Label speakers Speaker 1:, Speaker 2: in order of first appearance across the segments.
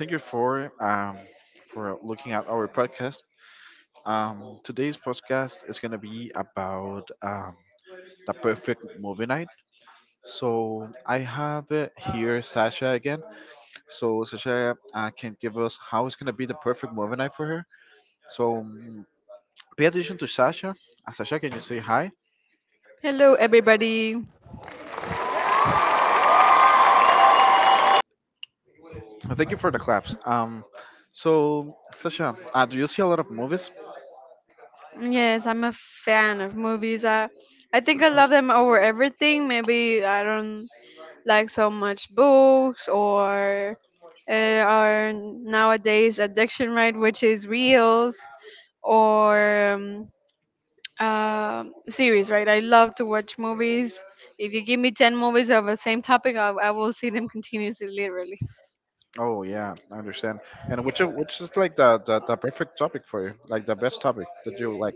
Speaker 1: Thank you for for looking at our podcast. Today's podcast is gonna be about the perfect movie night. So I have here Sasha again. So Sasha can give us how it's gonna be the perfect movie night for her. So mm, Pay attention to Sasha. Sasha, can you say hi?
Speaker 2: Hello, everybody.
Speaker 1: And thank you for the claps. So Sasha, do you see a lot of movies?
Speaker 2: Yes, I'm a fan of movies. I think I love them over everything. Maybe I don't like so much books or our nowadays addiction, right, which is reels or uh, series, right? I love to watch movies. If you give me 10 movies of the same topic, I will see them continuously, literally.
Speaker 1: Oh yeah, I understand. And which is like the perfect topic for you, like the best topic that you like.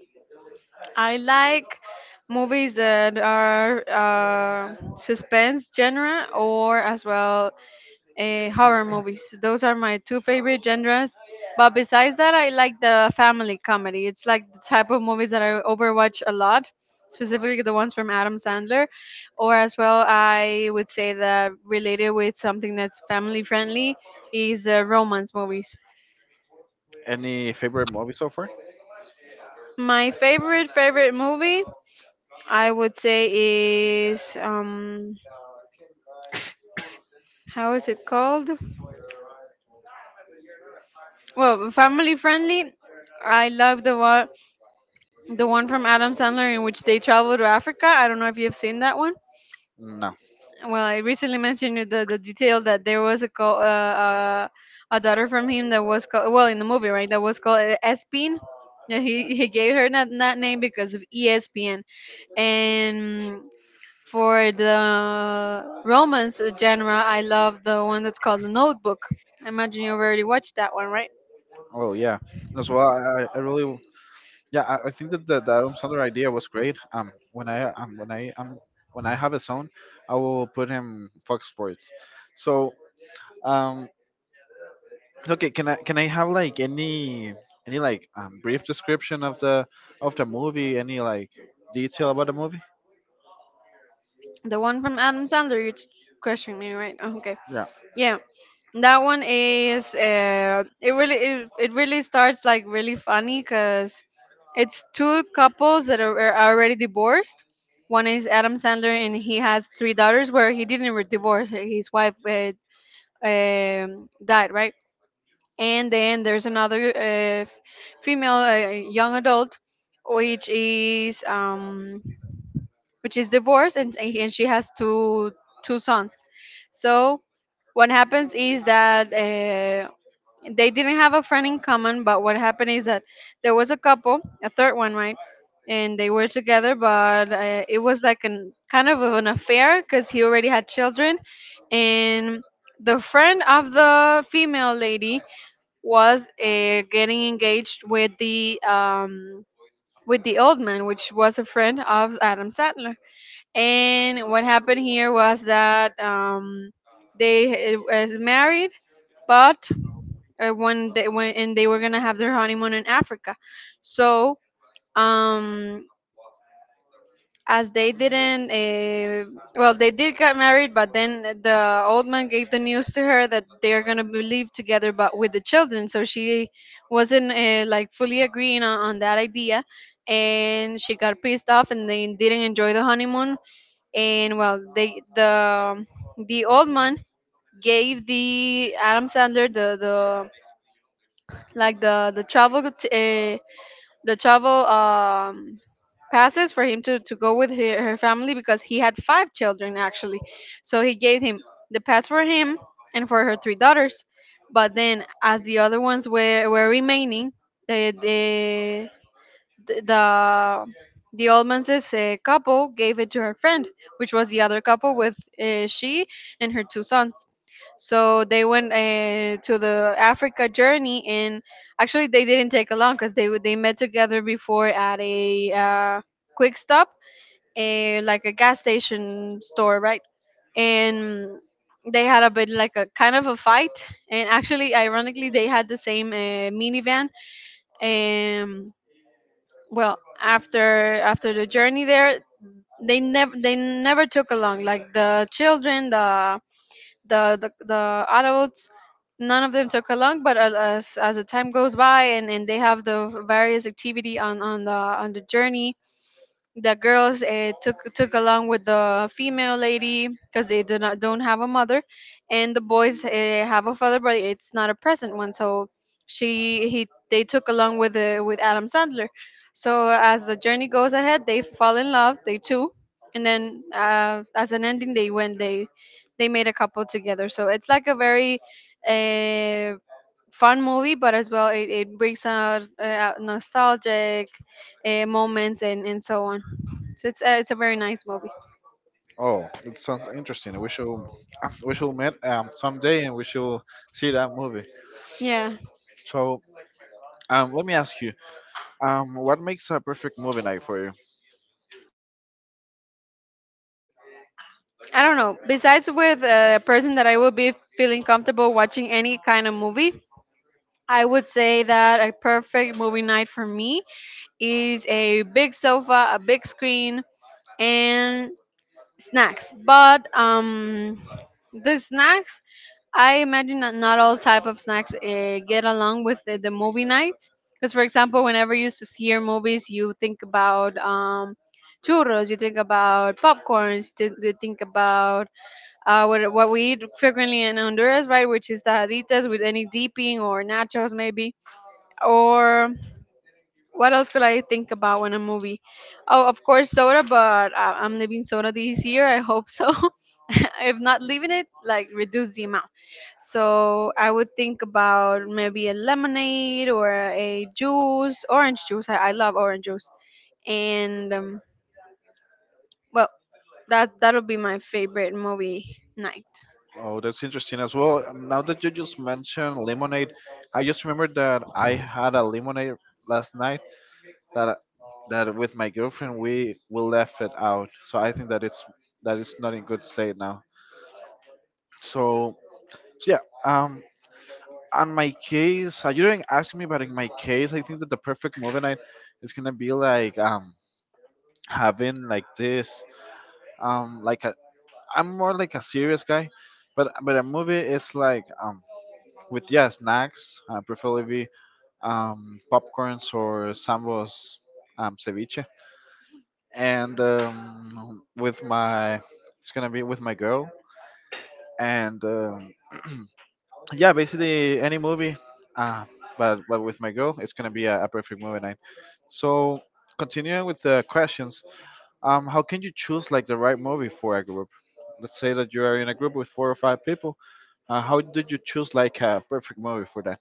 Speaker 2: I like movies that are suspense genre or as well horror movies. Those are my two favorite genres. But besides that, I like the family comedy. It's like the type of movies that I overwatch a lot, specifically the ones from Adam Sandler. Or as well, I would say that related with something that's family friendly is romance movies.
Speaker 1: Any favorite movie so far?
Speaker 2: My favorite favorite movie I would say is how is it called? Well, family friendly. I love the one from Adam Sandler in which they travel to Africa. I don't know if you've seen that one.
Speaker 1: No.
Speaker 2: Well, I recently mentioned you the detail that there was a call, a daughter from him that was called well in the movie right that was called Espin. Yeah, he gave her that name because of ESPN and. For the romance genre, I love the one that's called The Notebook. I imagine you've already watched that one, right?
Speaker 1: Oh yeah. As well, I really yeah I think that the Adam Sandler idea was great. When I have his own, I will put him Fox Sports. So um okay, can I have like any like brief description of the movie? Any like detail about the movie?
Speaker 2: The one from Adam Sandler, you're questioning me, right? Oh, okay.
Speaker 1: Yeah.
Speaker 2: Yeah. That one is it really starts like really funny because it's two couples that are already divorced. One is Adam Sandler and he has three daughters where he didn't divorce. His wife died, right? And then there's another female young adult, which is um, which is divorced, and she has two sons, so what happens is that they didn't have a friend in common, but what happened is that there was a couple, a third one, right, and they were together, but it was like an kind of an affair because he already had children, and the friend of the female lady was getting engaged with the old man, which was a friend of Adam Sandler. And what happened here was that they was married, but when they when and they were gonna have their honeymoon in Africa. So um as they didn't well, they did get married, but then the old man gave the news to her that they're gonna be live together but with the children, so she wasn't like fully agreeing on that idea, and she got pissed off, and they didn't enjoy the honeymoon. And well, the old man gave the Adam Sandler the like the travel the travel um passes for him to go with her, her family because he had five children actually. So he gave him the pass for him and for her three daughters. But then as the other ones were remaining, eh, the th- the Allmans' couple gave it to her friend, which was the other couple with she and her two sons. So they went to the Africa journey, and actually they didn't take along because they met together before at a quick stop, a like a gas station store, right? And they had a bit like a kind of a fight, and actually, ironically, they had the same minivan. Um, well, after the journey there, they never took along like the children, the adults, none of them took along. But as the time goes by, and they have the various activity on the journey, the girls took along with the female lady because they do not don't have a mother, and the boys have a father, but it's not a present one. So she he they took along with the with Adam Sandler. So as the journey goes ahead, they fall in love, they two, and then as an ending, they went they made a couple together. So it's like a very uh fun movie, but as well it brings out nostalgic moments, and, so on. So it's a very nice movie.
Speaker 1: Oh, it sounds interesting. We should meet someday and we should see that movie.
Speaker 2: Yeah,
Speaker 1: So let me ask you what makes a perfect movie night for you?
Speaker 2: I don't know. Besides with a person that I would be feeling comfortable watching any kind of movie, I would say that a perfect movie night for me is a big sofa, a big screen, and snacks, but the snacks, I imagine that not all type of snacks get along with the movie night, because for example whenever you hear movies, you think about churros, you think about popcorns, you think about what we eat frequently in Honduras, right, which is tajaditas with any dipping or nachos, maybe, or what else could I think about when a movie? Oh, of course, soda, but I'm leaving soda this year. I hope so. If not leaving it, like reduce the amount. So I would think about maybe a lemonade or a juice, orange juice. I love orange juice. And well, that that'll be my favorite movie night.
Speaker 1: Oh, that's interesting as well. Now that you just mentioned lemonade, I just remembered that I had a lemonade last night that that with my girlfriend we left it out. So I think that it's not in good state now. So, so yeah. On my case, you didn't ask me, but in my case, I think that the perfect movie night is gonna be like having like this like a I'm more like a serious guy, but a movie is like with yeah snacks, preferably popcorns or sambos ceviche, and with my it's gonna be with my girl and. Yeah, basically any movie, uh, but with my girl, it's gonna be a perfect movie night. So continuing with the questions, how can you choose like the right movie for a group? Let's say that you are in a group with four or five people. How did you choose like a perfect movie for that?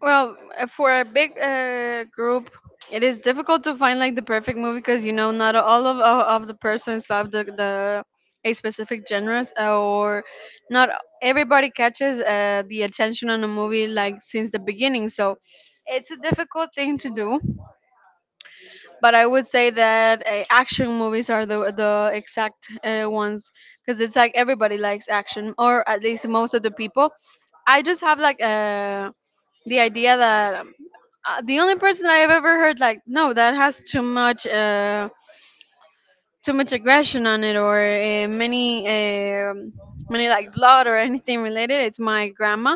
Speaker 2: Well, for a big group, it is difficult to find like the perfect movie because you know not all of the persons love the a specific genres or not everybody catches the attention on a movie like since the beginning. So it's a difficult thing to do, but I would say that action movies are the exact ones, because it's like everybody likes action, or at least most of the people. I just have like a the idea that the only person I've ever heard like no that has too much aggression on it, or many like blood or anything related, it's my grandma.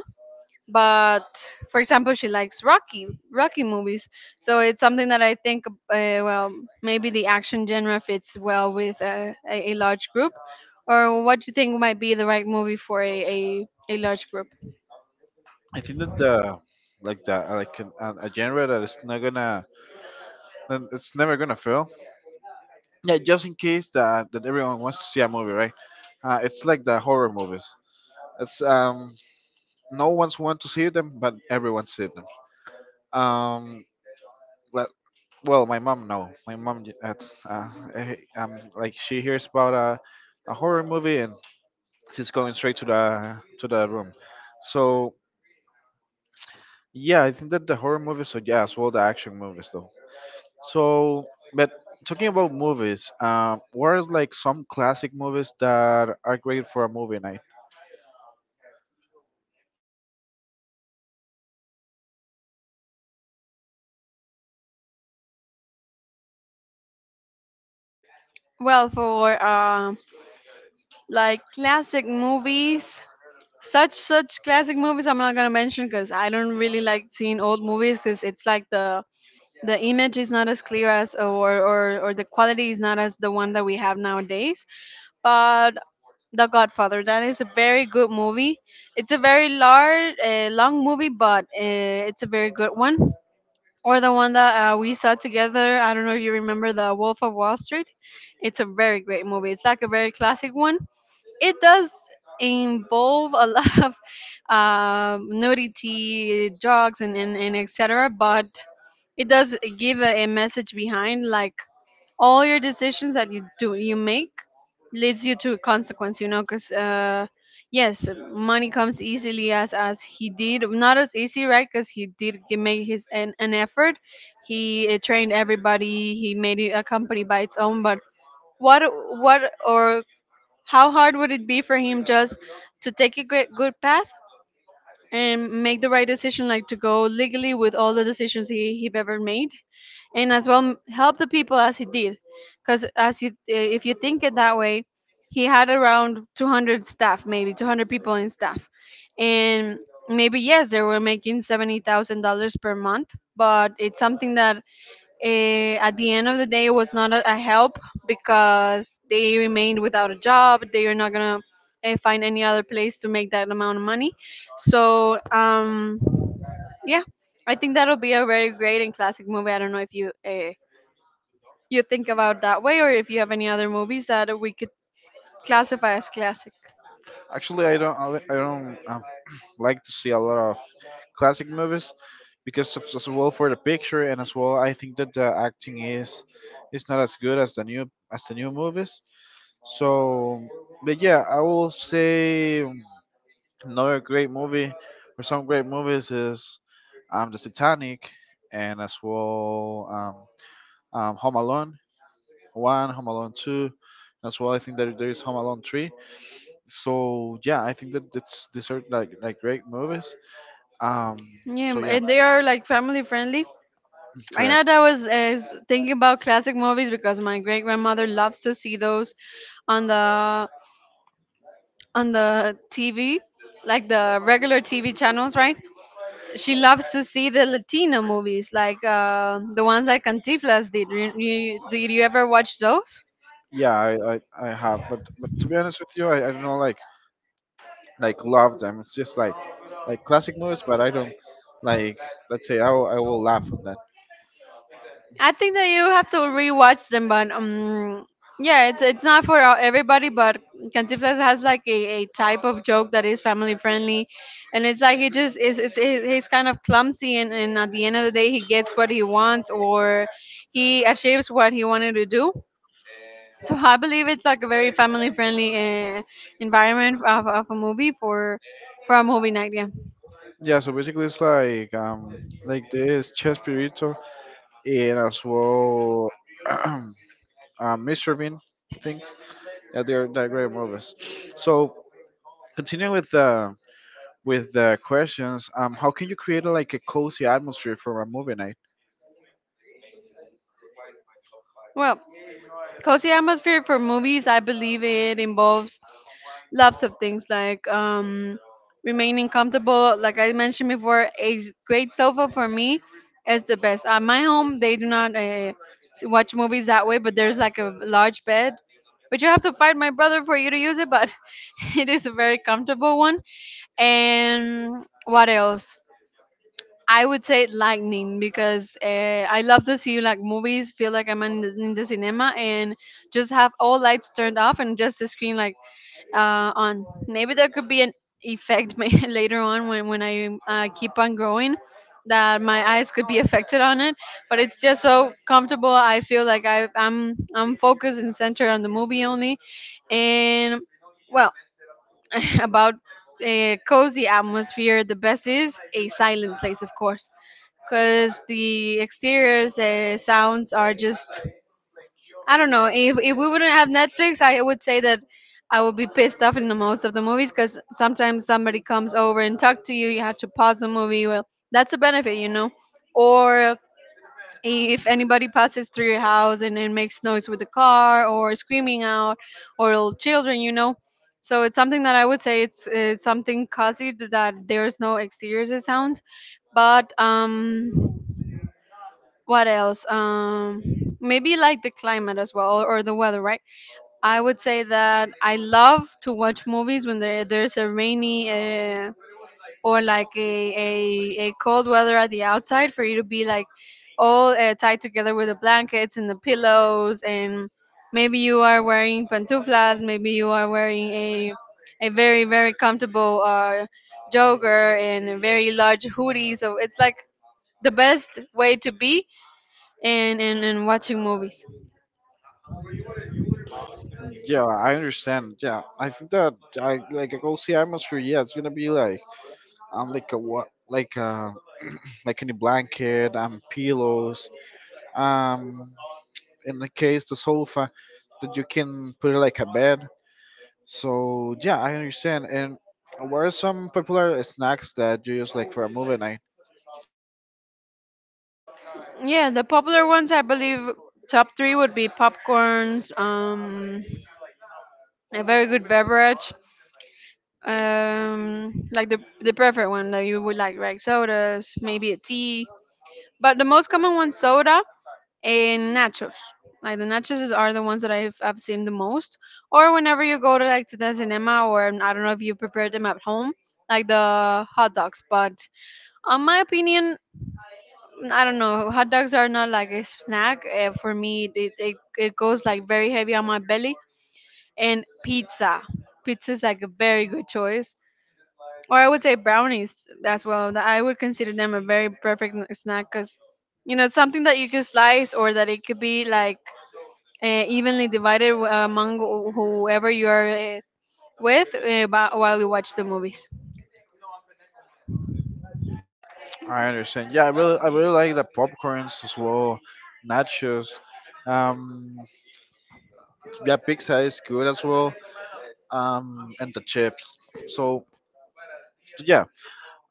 Speaker 2: But for example she likes Rocky movies, so it's something that I think well, maybe the action genre fits well with a large group. Or what do you think might be the right movie for a large group?
Speaker 1: I think that the like an, a genre that is not gonna that it's never gonna fail. Yeah, just in case that that everyone wants to see a movie, right? It's like the horror movies. It's no one's want to see them, but everyone see them. Um, le- well, my mom no, my mom j- that's eh, like she hears about a horror movie and she's going straight to the room. So yeah, I think that the horror movies, so yeah, as well the action movies though. So, but talking about movies, what are like some classic movies that are great for a movie night?
Speaker 2: Well, for like classic movies, such classic movies I'm not gonna mention because I don't really like seeing old movies, because it's like the image is not as clear as, or the quality is not as the one that we have nowadays. But The Godfather, that is a very good movie. It's a very large long movie, but it's a very good one. Or the one that we saw together, I don't know if you remember, The Wolf of Wall Street. It's a very great movie, it's like a very classic one. It does involve a lot of nudity, drugs, and and etc. But it does give a message behind, like all your decisions that you make leads you to a consequence. You know, because yes, money comes easily as he did, not as easy, right? Because he did make his an effort. He trained everybody. He made it a company by its own, but what what or how hard would it be for him just to take a good, good path and make the right decision, like to go legally with all the decisions he ever made, and as well help the people as he did? Because as you, eh, if you think it that way, he had around 200 staff, maybe 200 people in staff, and maybe yes, they were making $70,000 per month, but it's something that, eh, at the end of the day, it was not a help, because they remained without a job, they are not gonna, eh, find any other place to make that amount of money. So yeah, I think that'll be a very great and classic movie. I don't know if you you think about that way, or if you have any other movies that we could classify as classic.
Speaker 1: Actually, I don't. I don't like to see a lot of classic movies because of, as well for the picture and as well I think that the acting is not as good as the new movies. So, but yeah, I will say another great movie or some great movies is the Titanic and as well Home Alone one, Home Alone two, as well I think that there is Home Alone three so yeah, I think that that's these are like great movies. Um,
Speaker 2: Yeah,
Speaker 1: so yeah,
Speaker 2: and they are like family friendly. Right now
Speaker 1: correct.
Speaker 2: I was thinking about classic movies because my great grandmother loves to see those on the on the TV, like the regular TV channels, right? She loves to see the Latino movies, like the ones like Cantiflas did. Did you ever watch those?
Speaker 1: Yeah, I have, but to be honest with you, I don't know like love them. It's just like classic movies, but I don't like let's say I will laugh at that.
Speaker 2: I think that you have to rewatch them, but yeah, it's not for everybody. But Cantinflas has like a type of joke that is family friendly, and it's like he just he's kind of clumsy, and at the end of the day, he gets what he wants or he achieves what he wanted to do. So I believe it's like a very family friendly uh, environment of a movie for a movie night. Yeah.
Speaker 1: Yeah, so basically it's like this Chespirito and as well uh, Mr. Bean things. Yeah, they're great movies. So continuing with the questions. How can you create a, like a cozy atmosphere for a movie night?
Speaker 2: Well, cozy atmosphere for movies. I believe it involves lots of things like remaining comfortable. Like I mentioned before, a great sofa for me is the best. At my home, they do not watch movies that way, but there's like a large bed. But you have to fight my brother for you to use it, but it is a very comfortable one. And what else? I would say lightning because I love to see like movies, feel like I'm in the cinema and just have all lights turned off and just the screen like on. Maybe there could be an effect later on when, when I keep on growing that my eyes could be affected on it, but it's just so comfortable. I feel like I'm focused and centered on the movie only, and well, about a cozy atmosphere, the best is a silent place, of course, because the exteriors, the sounds are just I don't know. If we wouldn't have Netflix, I would say that I would be pissed off in the most of the movies because sometimes somebody comes over and talk to you. You have to pause the movie. Well, that's a benefit. Or if anybody passes through your house and makes noise with the car or screaming out or little children. So it's something that I would say it's something caused that there's no exteriors sound. But what else? Maybe like the climate as well, or the weather, right? I would say that I love to watch movies when there's a rainy, or like a cold weather at the outside for you to be like all tied together with the blankets and the pillows, and maybe you are wearing pantuflas, maybe you are wearing a very very comfortable jogger and a very large hoodie, so it's like the best way to be and watching movies.
Speaker 1: Yeah, I understand. Yeah, I think that I like a cozy atmosphere. Yeah, it's gonna be like a what like any blanket pillows um in the case the sofa that you can put it like a bed. So yeah, I understand. And what are some popular snacks that you use like for a movie night?
Speaker 2: Yeah, the popular ones I believe top three would be popcorns, a very good beverage, like the preferred one that you would like sodas, maybe a tea. But the most common one, soda and nachos. Like the nachos are the ones that I've seen the most. Or whenever you go to like to the cinema, or I don't know if you prepare them at home, like the hot dogs. But on my opinion, I don't know. Hot dogs are not like a snack. For me, it goes like very heavy on my belly. And pizza. Pizza is like a very good choice. Or I would say brownies as well. I would consider them a very perfect snack because it's something that you can slice or that it could be like evenly divided among whoever you are uh, with while you watch the movies.
Speaker 1: I understand. Yeah, I really like the popcorns as well, nachos. Um, yeah, pizza is good as well. And the chips. So yeah.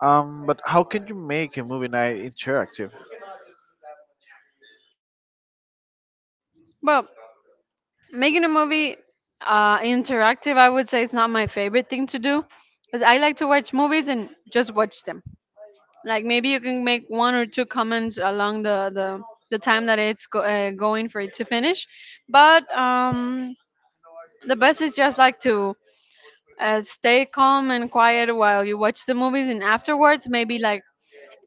Speaker 1: But how can you make a movie night interactive?
Speaker 2: Well, making a movie interactive, I would say it's not my favorite thing to do because I like to watch movies and just watch them. Like, maybe you can make one or two comments along the time that it's going for it to finish, but the best is just like to stay calm and quiet while you watch the movies, and afterwards maybe like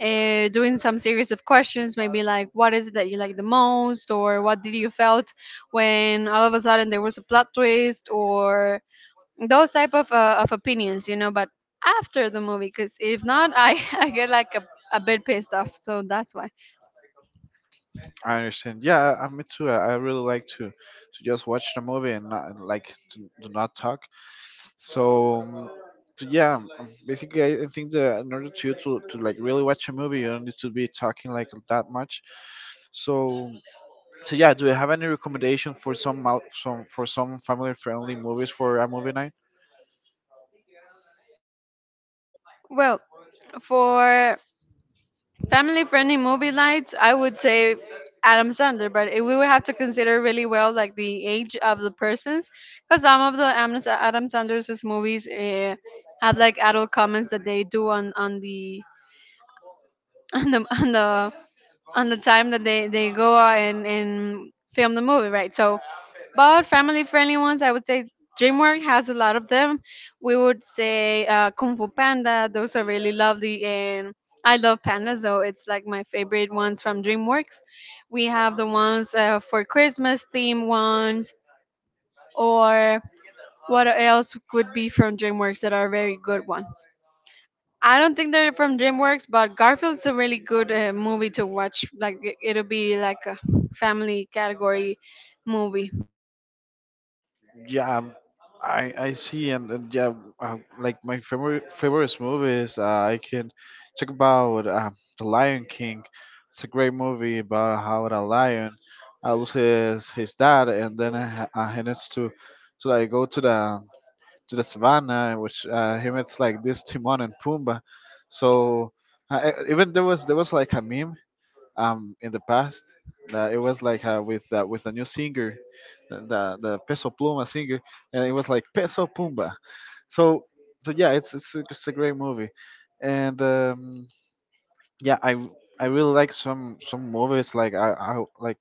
Speaker 2: doing some series of questions, maybe like what is it that you like the most, or what did you felt when all of a sudden there was a plot twist, or those type of of opinions. But after the movie, because if not, I I get like a bit pissed off. So that's why.
Speaker 1: I understand. Yeah, I, me too. I really like to just watch the movie and not and like to not talk. So. um, so yeah, basically, I think that in order to you to like really watch a movie, you don't need to be talking like that much. So So yeah, do you have any recommendation for some for some family friendly movies for a movie night?
Speaker 2: Well, for family friendly movie nights, I would say Adam Sandler, but we would have to consider really well like the age of the persons, because some of the Adam Sandler's movies have like adult comments that they do on the on the on the on the time that they go out and film the movie, right? So, but family friendly ones, I would say DreamWorks has a lot of them. We would say Kung Fu Panda; those are really lovely, and I love pandas, so it's like my favorite ones from DreamWorks. We have the ones for Christmas theme ones, or what else could be from DreamWorks that are very good ones? I don't think they're from DreamWorks, but Garfield's a really good movie to watch. Like it'll be like a family category movie.
Speaker 1: Yeah, I see, and yeah, like my favorite favorite movies. I can talk about The Lion King. It's a great movie about how the lion loses his dad, and then he needs to like go to the savannah, in which he meets like this Timon and Pumbaa. So even there was like a meme in the past that it was like with a new singer the peso pluma singer and it was like peso pumba so so yeah it's a great movie and yeah I really like some movies like I like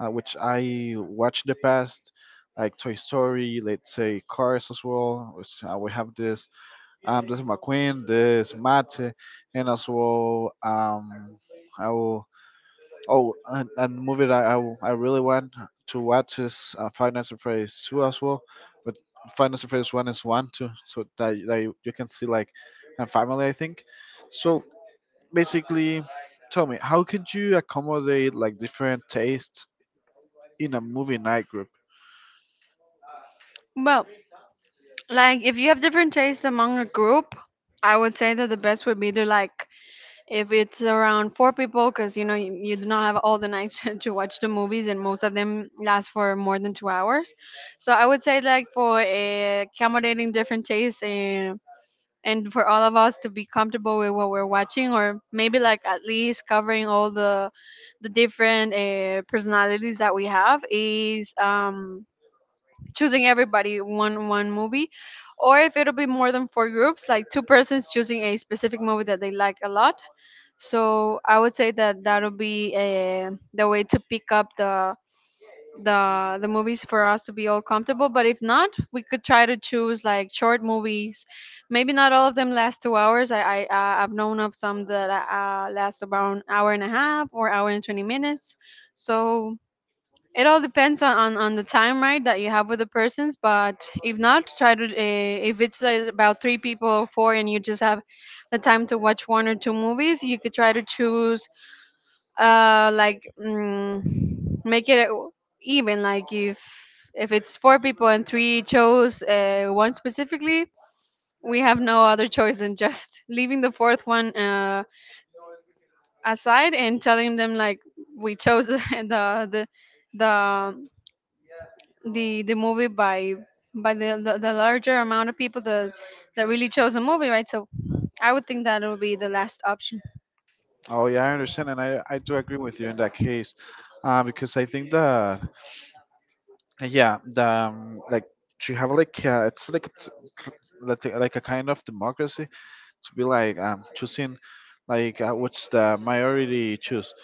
Speaker 1: which I watched the past like toy story let's say cars as well which we have this this mcqueen this matt and as well I will Oh, and the movie that I really want to watch is Five Nights at Freddy's 2 as well. But Five Nights at Freddy's 1 is 1 too, so that, that you can see like a family, I think. So basically, tell me, how could you accommodate like different tastes in a movie night group?
Speaker 2: Well, like if you have different tastes among a group, I would say that the best would be to, like, if it's around four people, because you know you do not have all the night to watch the movies, and most of them last for more than 2 hours. So I would say like for accommodating different tastes, and for all of us to be comfortable with what we're watching, or maybe like at least covering all the different personalities that we have is, choosing everybody one movie, or if it'll be more than four groups, like two persons choosing a specific movie that they like a lot. So I would say that'll be the way to pick up the movies for us to be all comfortable, but if not, we could try to choose like short movies. Maybe not all of them last 2 hours. I've known of some that last about an hour and a half or hour and 20 minutes, so it all depends on the time, right, that you have with the persons. But if not, try to, if it's, about three people or four, and you just have the time to watch one or two movies, you could try to choose, like make it, even, like, if it's four people and three chose one specifically, we have no other choice than just leaving the fourth one aside and telling them like we chose the the, the movie by the larger amount of people that really chose the movie, right? So I would think that it would be the last option.
Speaker 1: Oh, yeah, I understand, and I do agree with you in that case. Because I think that, yeah, the, like, it's like, like a kind of democracy to be like choosing like what's the majority choose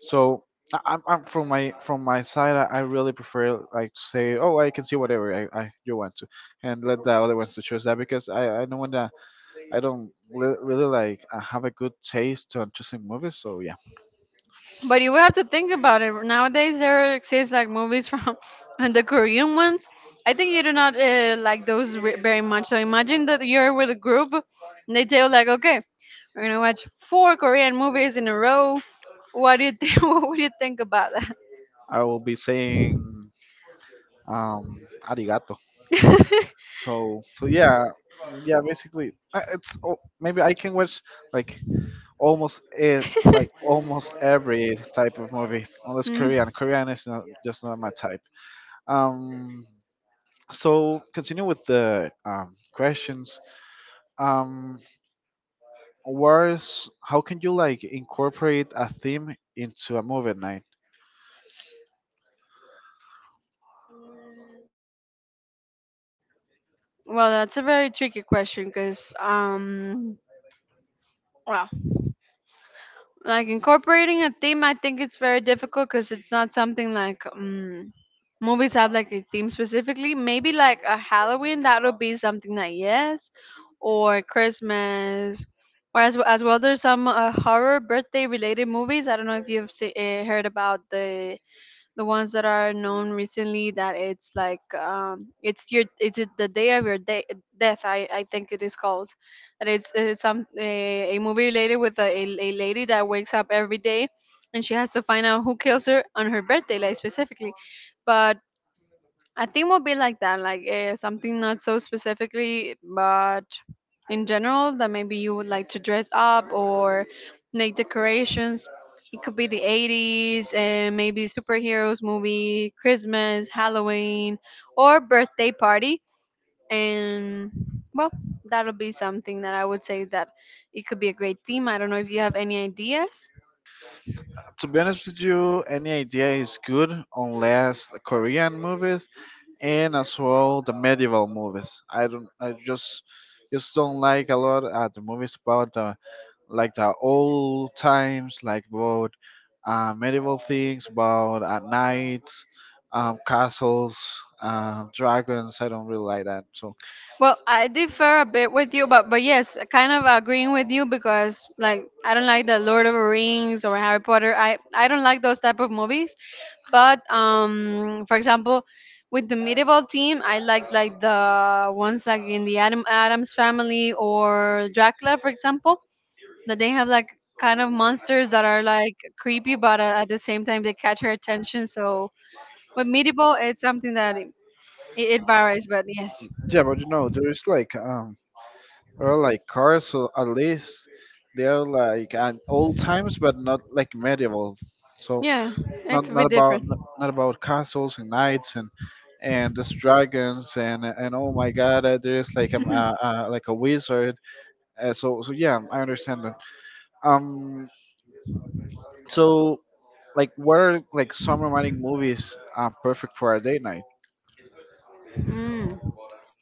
Speaker 1: so I'm from my side I really prefer like to say oh I can see whatever I you want to and let the other ones to choose that because I don't want to I don't re- really like have a good taste on choosing movies so yeah
Speaker 2: But you will have to think about it. Nowadays, there exists like movies from and the Korean ones. I think you do not like those very much. So imagine that you're with a group, and they tell like, okay, we're gonna watch four Korean movies in a row. What do you think? What would you think about that?
Speaker 1: I will be saying arigato so so yeah yeah basically it's oh, maybe I can watch like almost it like almost every type of movie unless
Speaker 2: Mm.
Speaker 1: korean korean is not just not my type um so continue with the questions um where's how can you like incorporate a theme into a movie night
Speaker 2: Well, that's a very tricky question because, well, like, incorporating a theme, I think it's very difficult because it's not something like, movies have like a theme specifically. Maybe like a Halloween, that'll be something that yes, or Christmas, or as well, there's some horror birthday related movies. I don't know if you've heard about the ones that are known recently, that it's like, it's your, it's it, the day of your day death, I think it is called, that it's a movie related with a lady that wakes up every day, and she has to find out who kills her on her birthday, like, specifically. But I think will be like that, like, something not so specifically, but in general, that maybe you would like to dress up or make decorations. It could be the 80s, and maybe superheroes movie, Christmas, Halloween, or birthday party. And well, that'll be something that I would say that it could be a great theme. I don't know if you have any ideas.
Speaker 1: to be honest with you any idea is good unless korean movies and as well the medieval movies i just don't like a lot the movies about the like the old times, like about medieval things, about knights, castles, dragons. I don't really like that. So
Speaker 2: Well, I differ a bit with you, but yes, kind of agreeing with you, because like, I don't like the Lord of the Rings or Harry Potter. I don't like those type of movies. But for example, with the medieval team, I like the ones like in the Adams Family or Dracula, for example, that they have like kind of monsters that are like creepy, but at the same time they catch your attention. So with medieval, it's something that it varies, but yes,
Speaker 1: yeah, but you know, there is like or like cars. So at least they are like at old times, but not like medieval. So
Speaker 2: yeah,
Speaker 1: not
Speaker 2: it's a
Speaker 1: not
Speaker 2: bit
Speaker 1: about
Speaker 2: different.
Speaker 1: not about castles and knights and just dragons and oh my god there's like a like a wizard so so yeah I understand that. Um, so like, what are like some romantic movies perfect for a date night?
Speaker 2: Mm.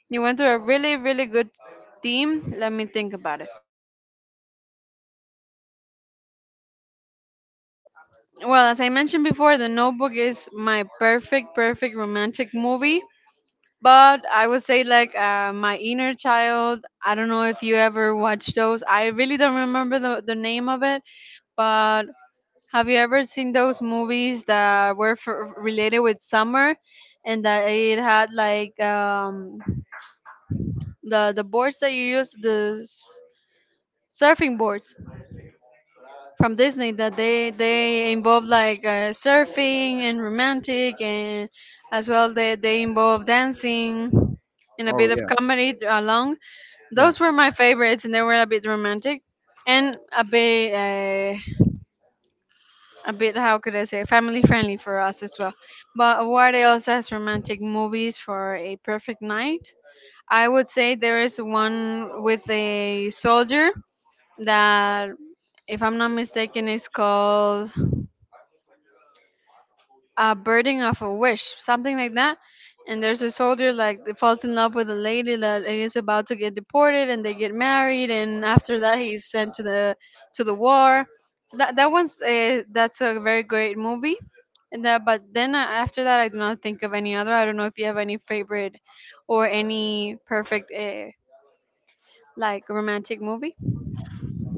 Speaker 2: You went to a really, really good team. Let me think about it. Well, as I mentioned before, The Notebook is my perfect, perfect romantic movie. But I would say, like, my inner child. I don't know if you ever watched those. I really don't remember the name of it. But have you ever seen those movies that were related with summer, and that it had, like, the boards that you use, the surfing boards? From Disney, that they involve like surfing and romantic, and as well they involve dancing and a
Speaker 1: Oh
Speaker 2: bit of
Speaker 1: yeah,
Speaker 2: comedy along.
Speaker 1: yeah.
Speaker 2: Those were my favorites, and they were a bit romantic and a bit how could I say family friendly for us as well. But what else as romantic movies for a perfect night? I would say there is one with a soldier that, if I'm not mistaken, is called A Burden of a Wish, something like that. And there's a soldier like that falls in love with a lady that is about to get deported, and they get married, and after that he's sent to the war. So that's a very great movie. And that. But then, after that, I do not think of any other. I don't know if you have any favorite or any perfect like romantic movie.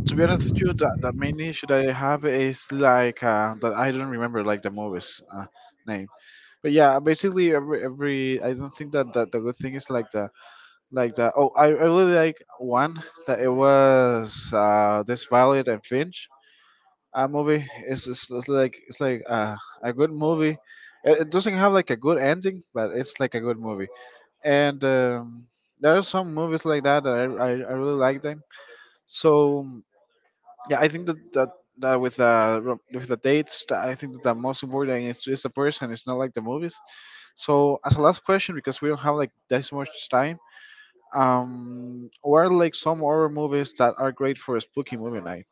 Speaker 1: To be honest with you, the main issue that I have is like that I don't remember like the movies name. But yeah, basically every I don't think that, that the good thing is like the oh I really like one that it was this Violet and Finch. A movie is it's like a good movie. It doesn't have like a good ending, but it's like a good movie. And there are some movies like that that I really like them. So yeah, I think that that, that with with the dates, that I think that the most important is the person. It's not like the movies. So as a last question, because we don't have like this much time, what are like some horror movies that are great for a spooky movie night?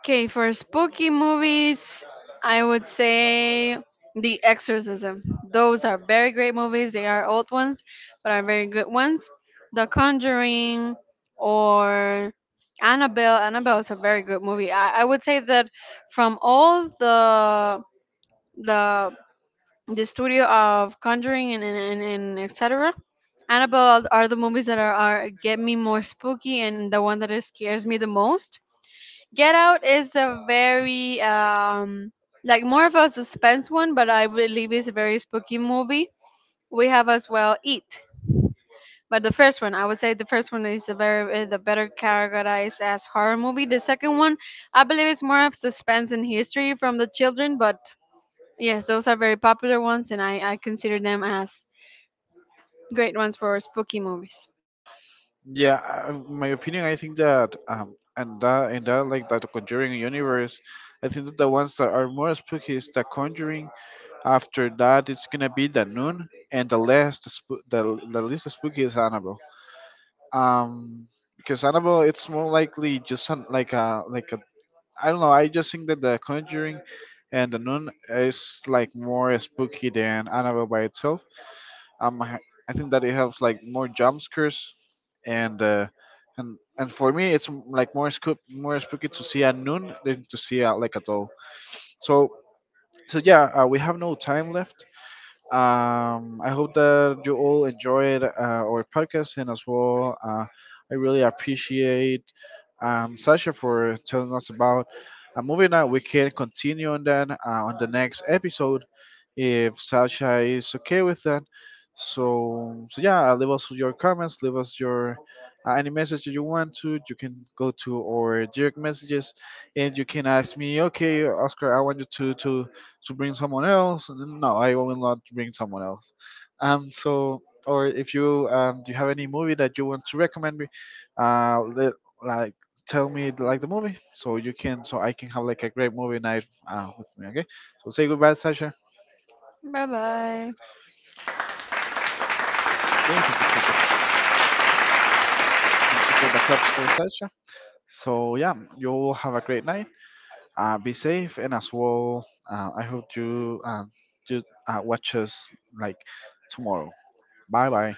Speaker 2: Okay, for spooky movies, I would say The Exorcism. Those are very great movies. They are old ones, but are very good ones. The Conjuring or Annabelle. Annabelle is a very good movie. I would say that from all the the studio of Conjuring and etc., Annabelle are the movies that are get me more spooky, and the one that scares me the most. Get Out is a very like more of a suspense one, but I believe it's a very spooky movie. We have as well Eat, but the first one, I would say the first one is the very the better categorized as horror movie. The second one, I believe, is more of suspense and history from the children, but yes, those are very popular ones, and I consider them as great ones for spooky movies.
Speaker 1: Yeah, my opinion, I think that and that and that like that Conjuring universe, I think that the ones that are more spooky is the Conjuring. After that, it's gonna be the Nun, and the least spooky is Annabelle. Um, because Annabelle, it's more likely like a I don't know. I just think that the Conjuring and the Nun is like more spooky than Annabelle by itself. Um, I I think that it helps like more jump scares, and and for me like more scoop, more spooky to see at noon than to see at like at all. So so yeah, we have no time left. I hope that you all enjoyed our podcast and as well. I really appreciate Sasha for telling us about a movie that we can continue on that on the next episode if Sasha is okay with that. So, so yeah, leave us your comments, leave us your any message that you want to. You can go to our direct messages, and you can ask me, okay, Oscar, I want you to bring someone else. And then, No, I will not bring someone else. So or if you do you have any movie that you want to recommend me, uh, let, like tell me like the movie so you can so I can have like a great movie night with me. Okay, so say goodbye, Sasha.
Speaker 2: Bye bye.
Speaker 1: So yeah, you all have a great night. Be safe and as well. I hope you just watch us like tomorrow. Bye bye.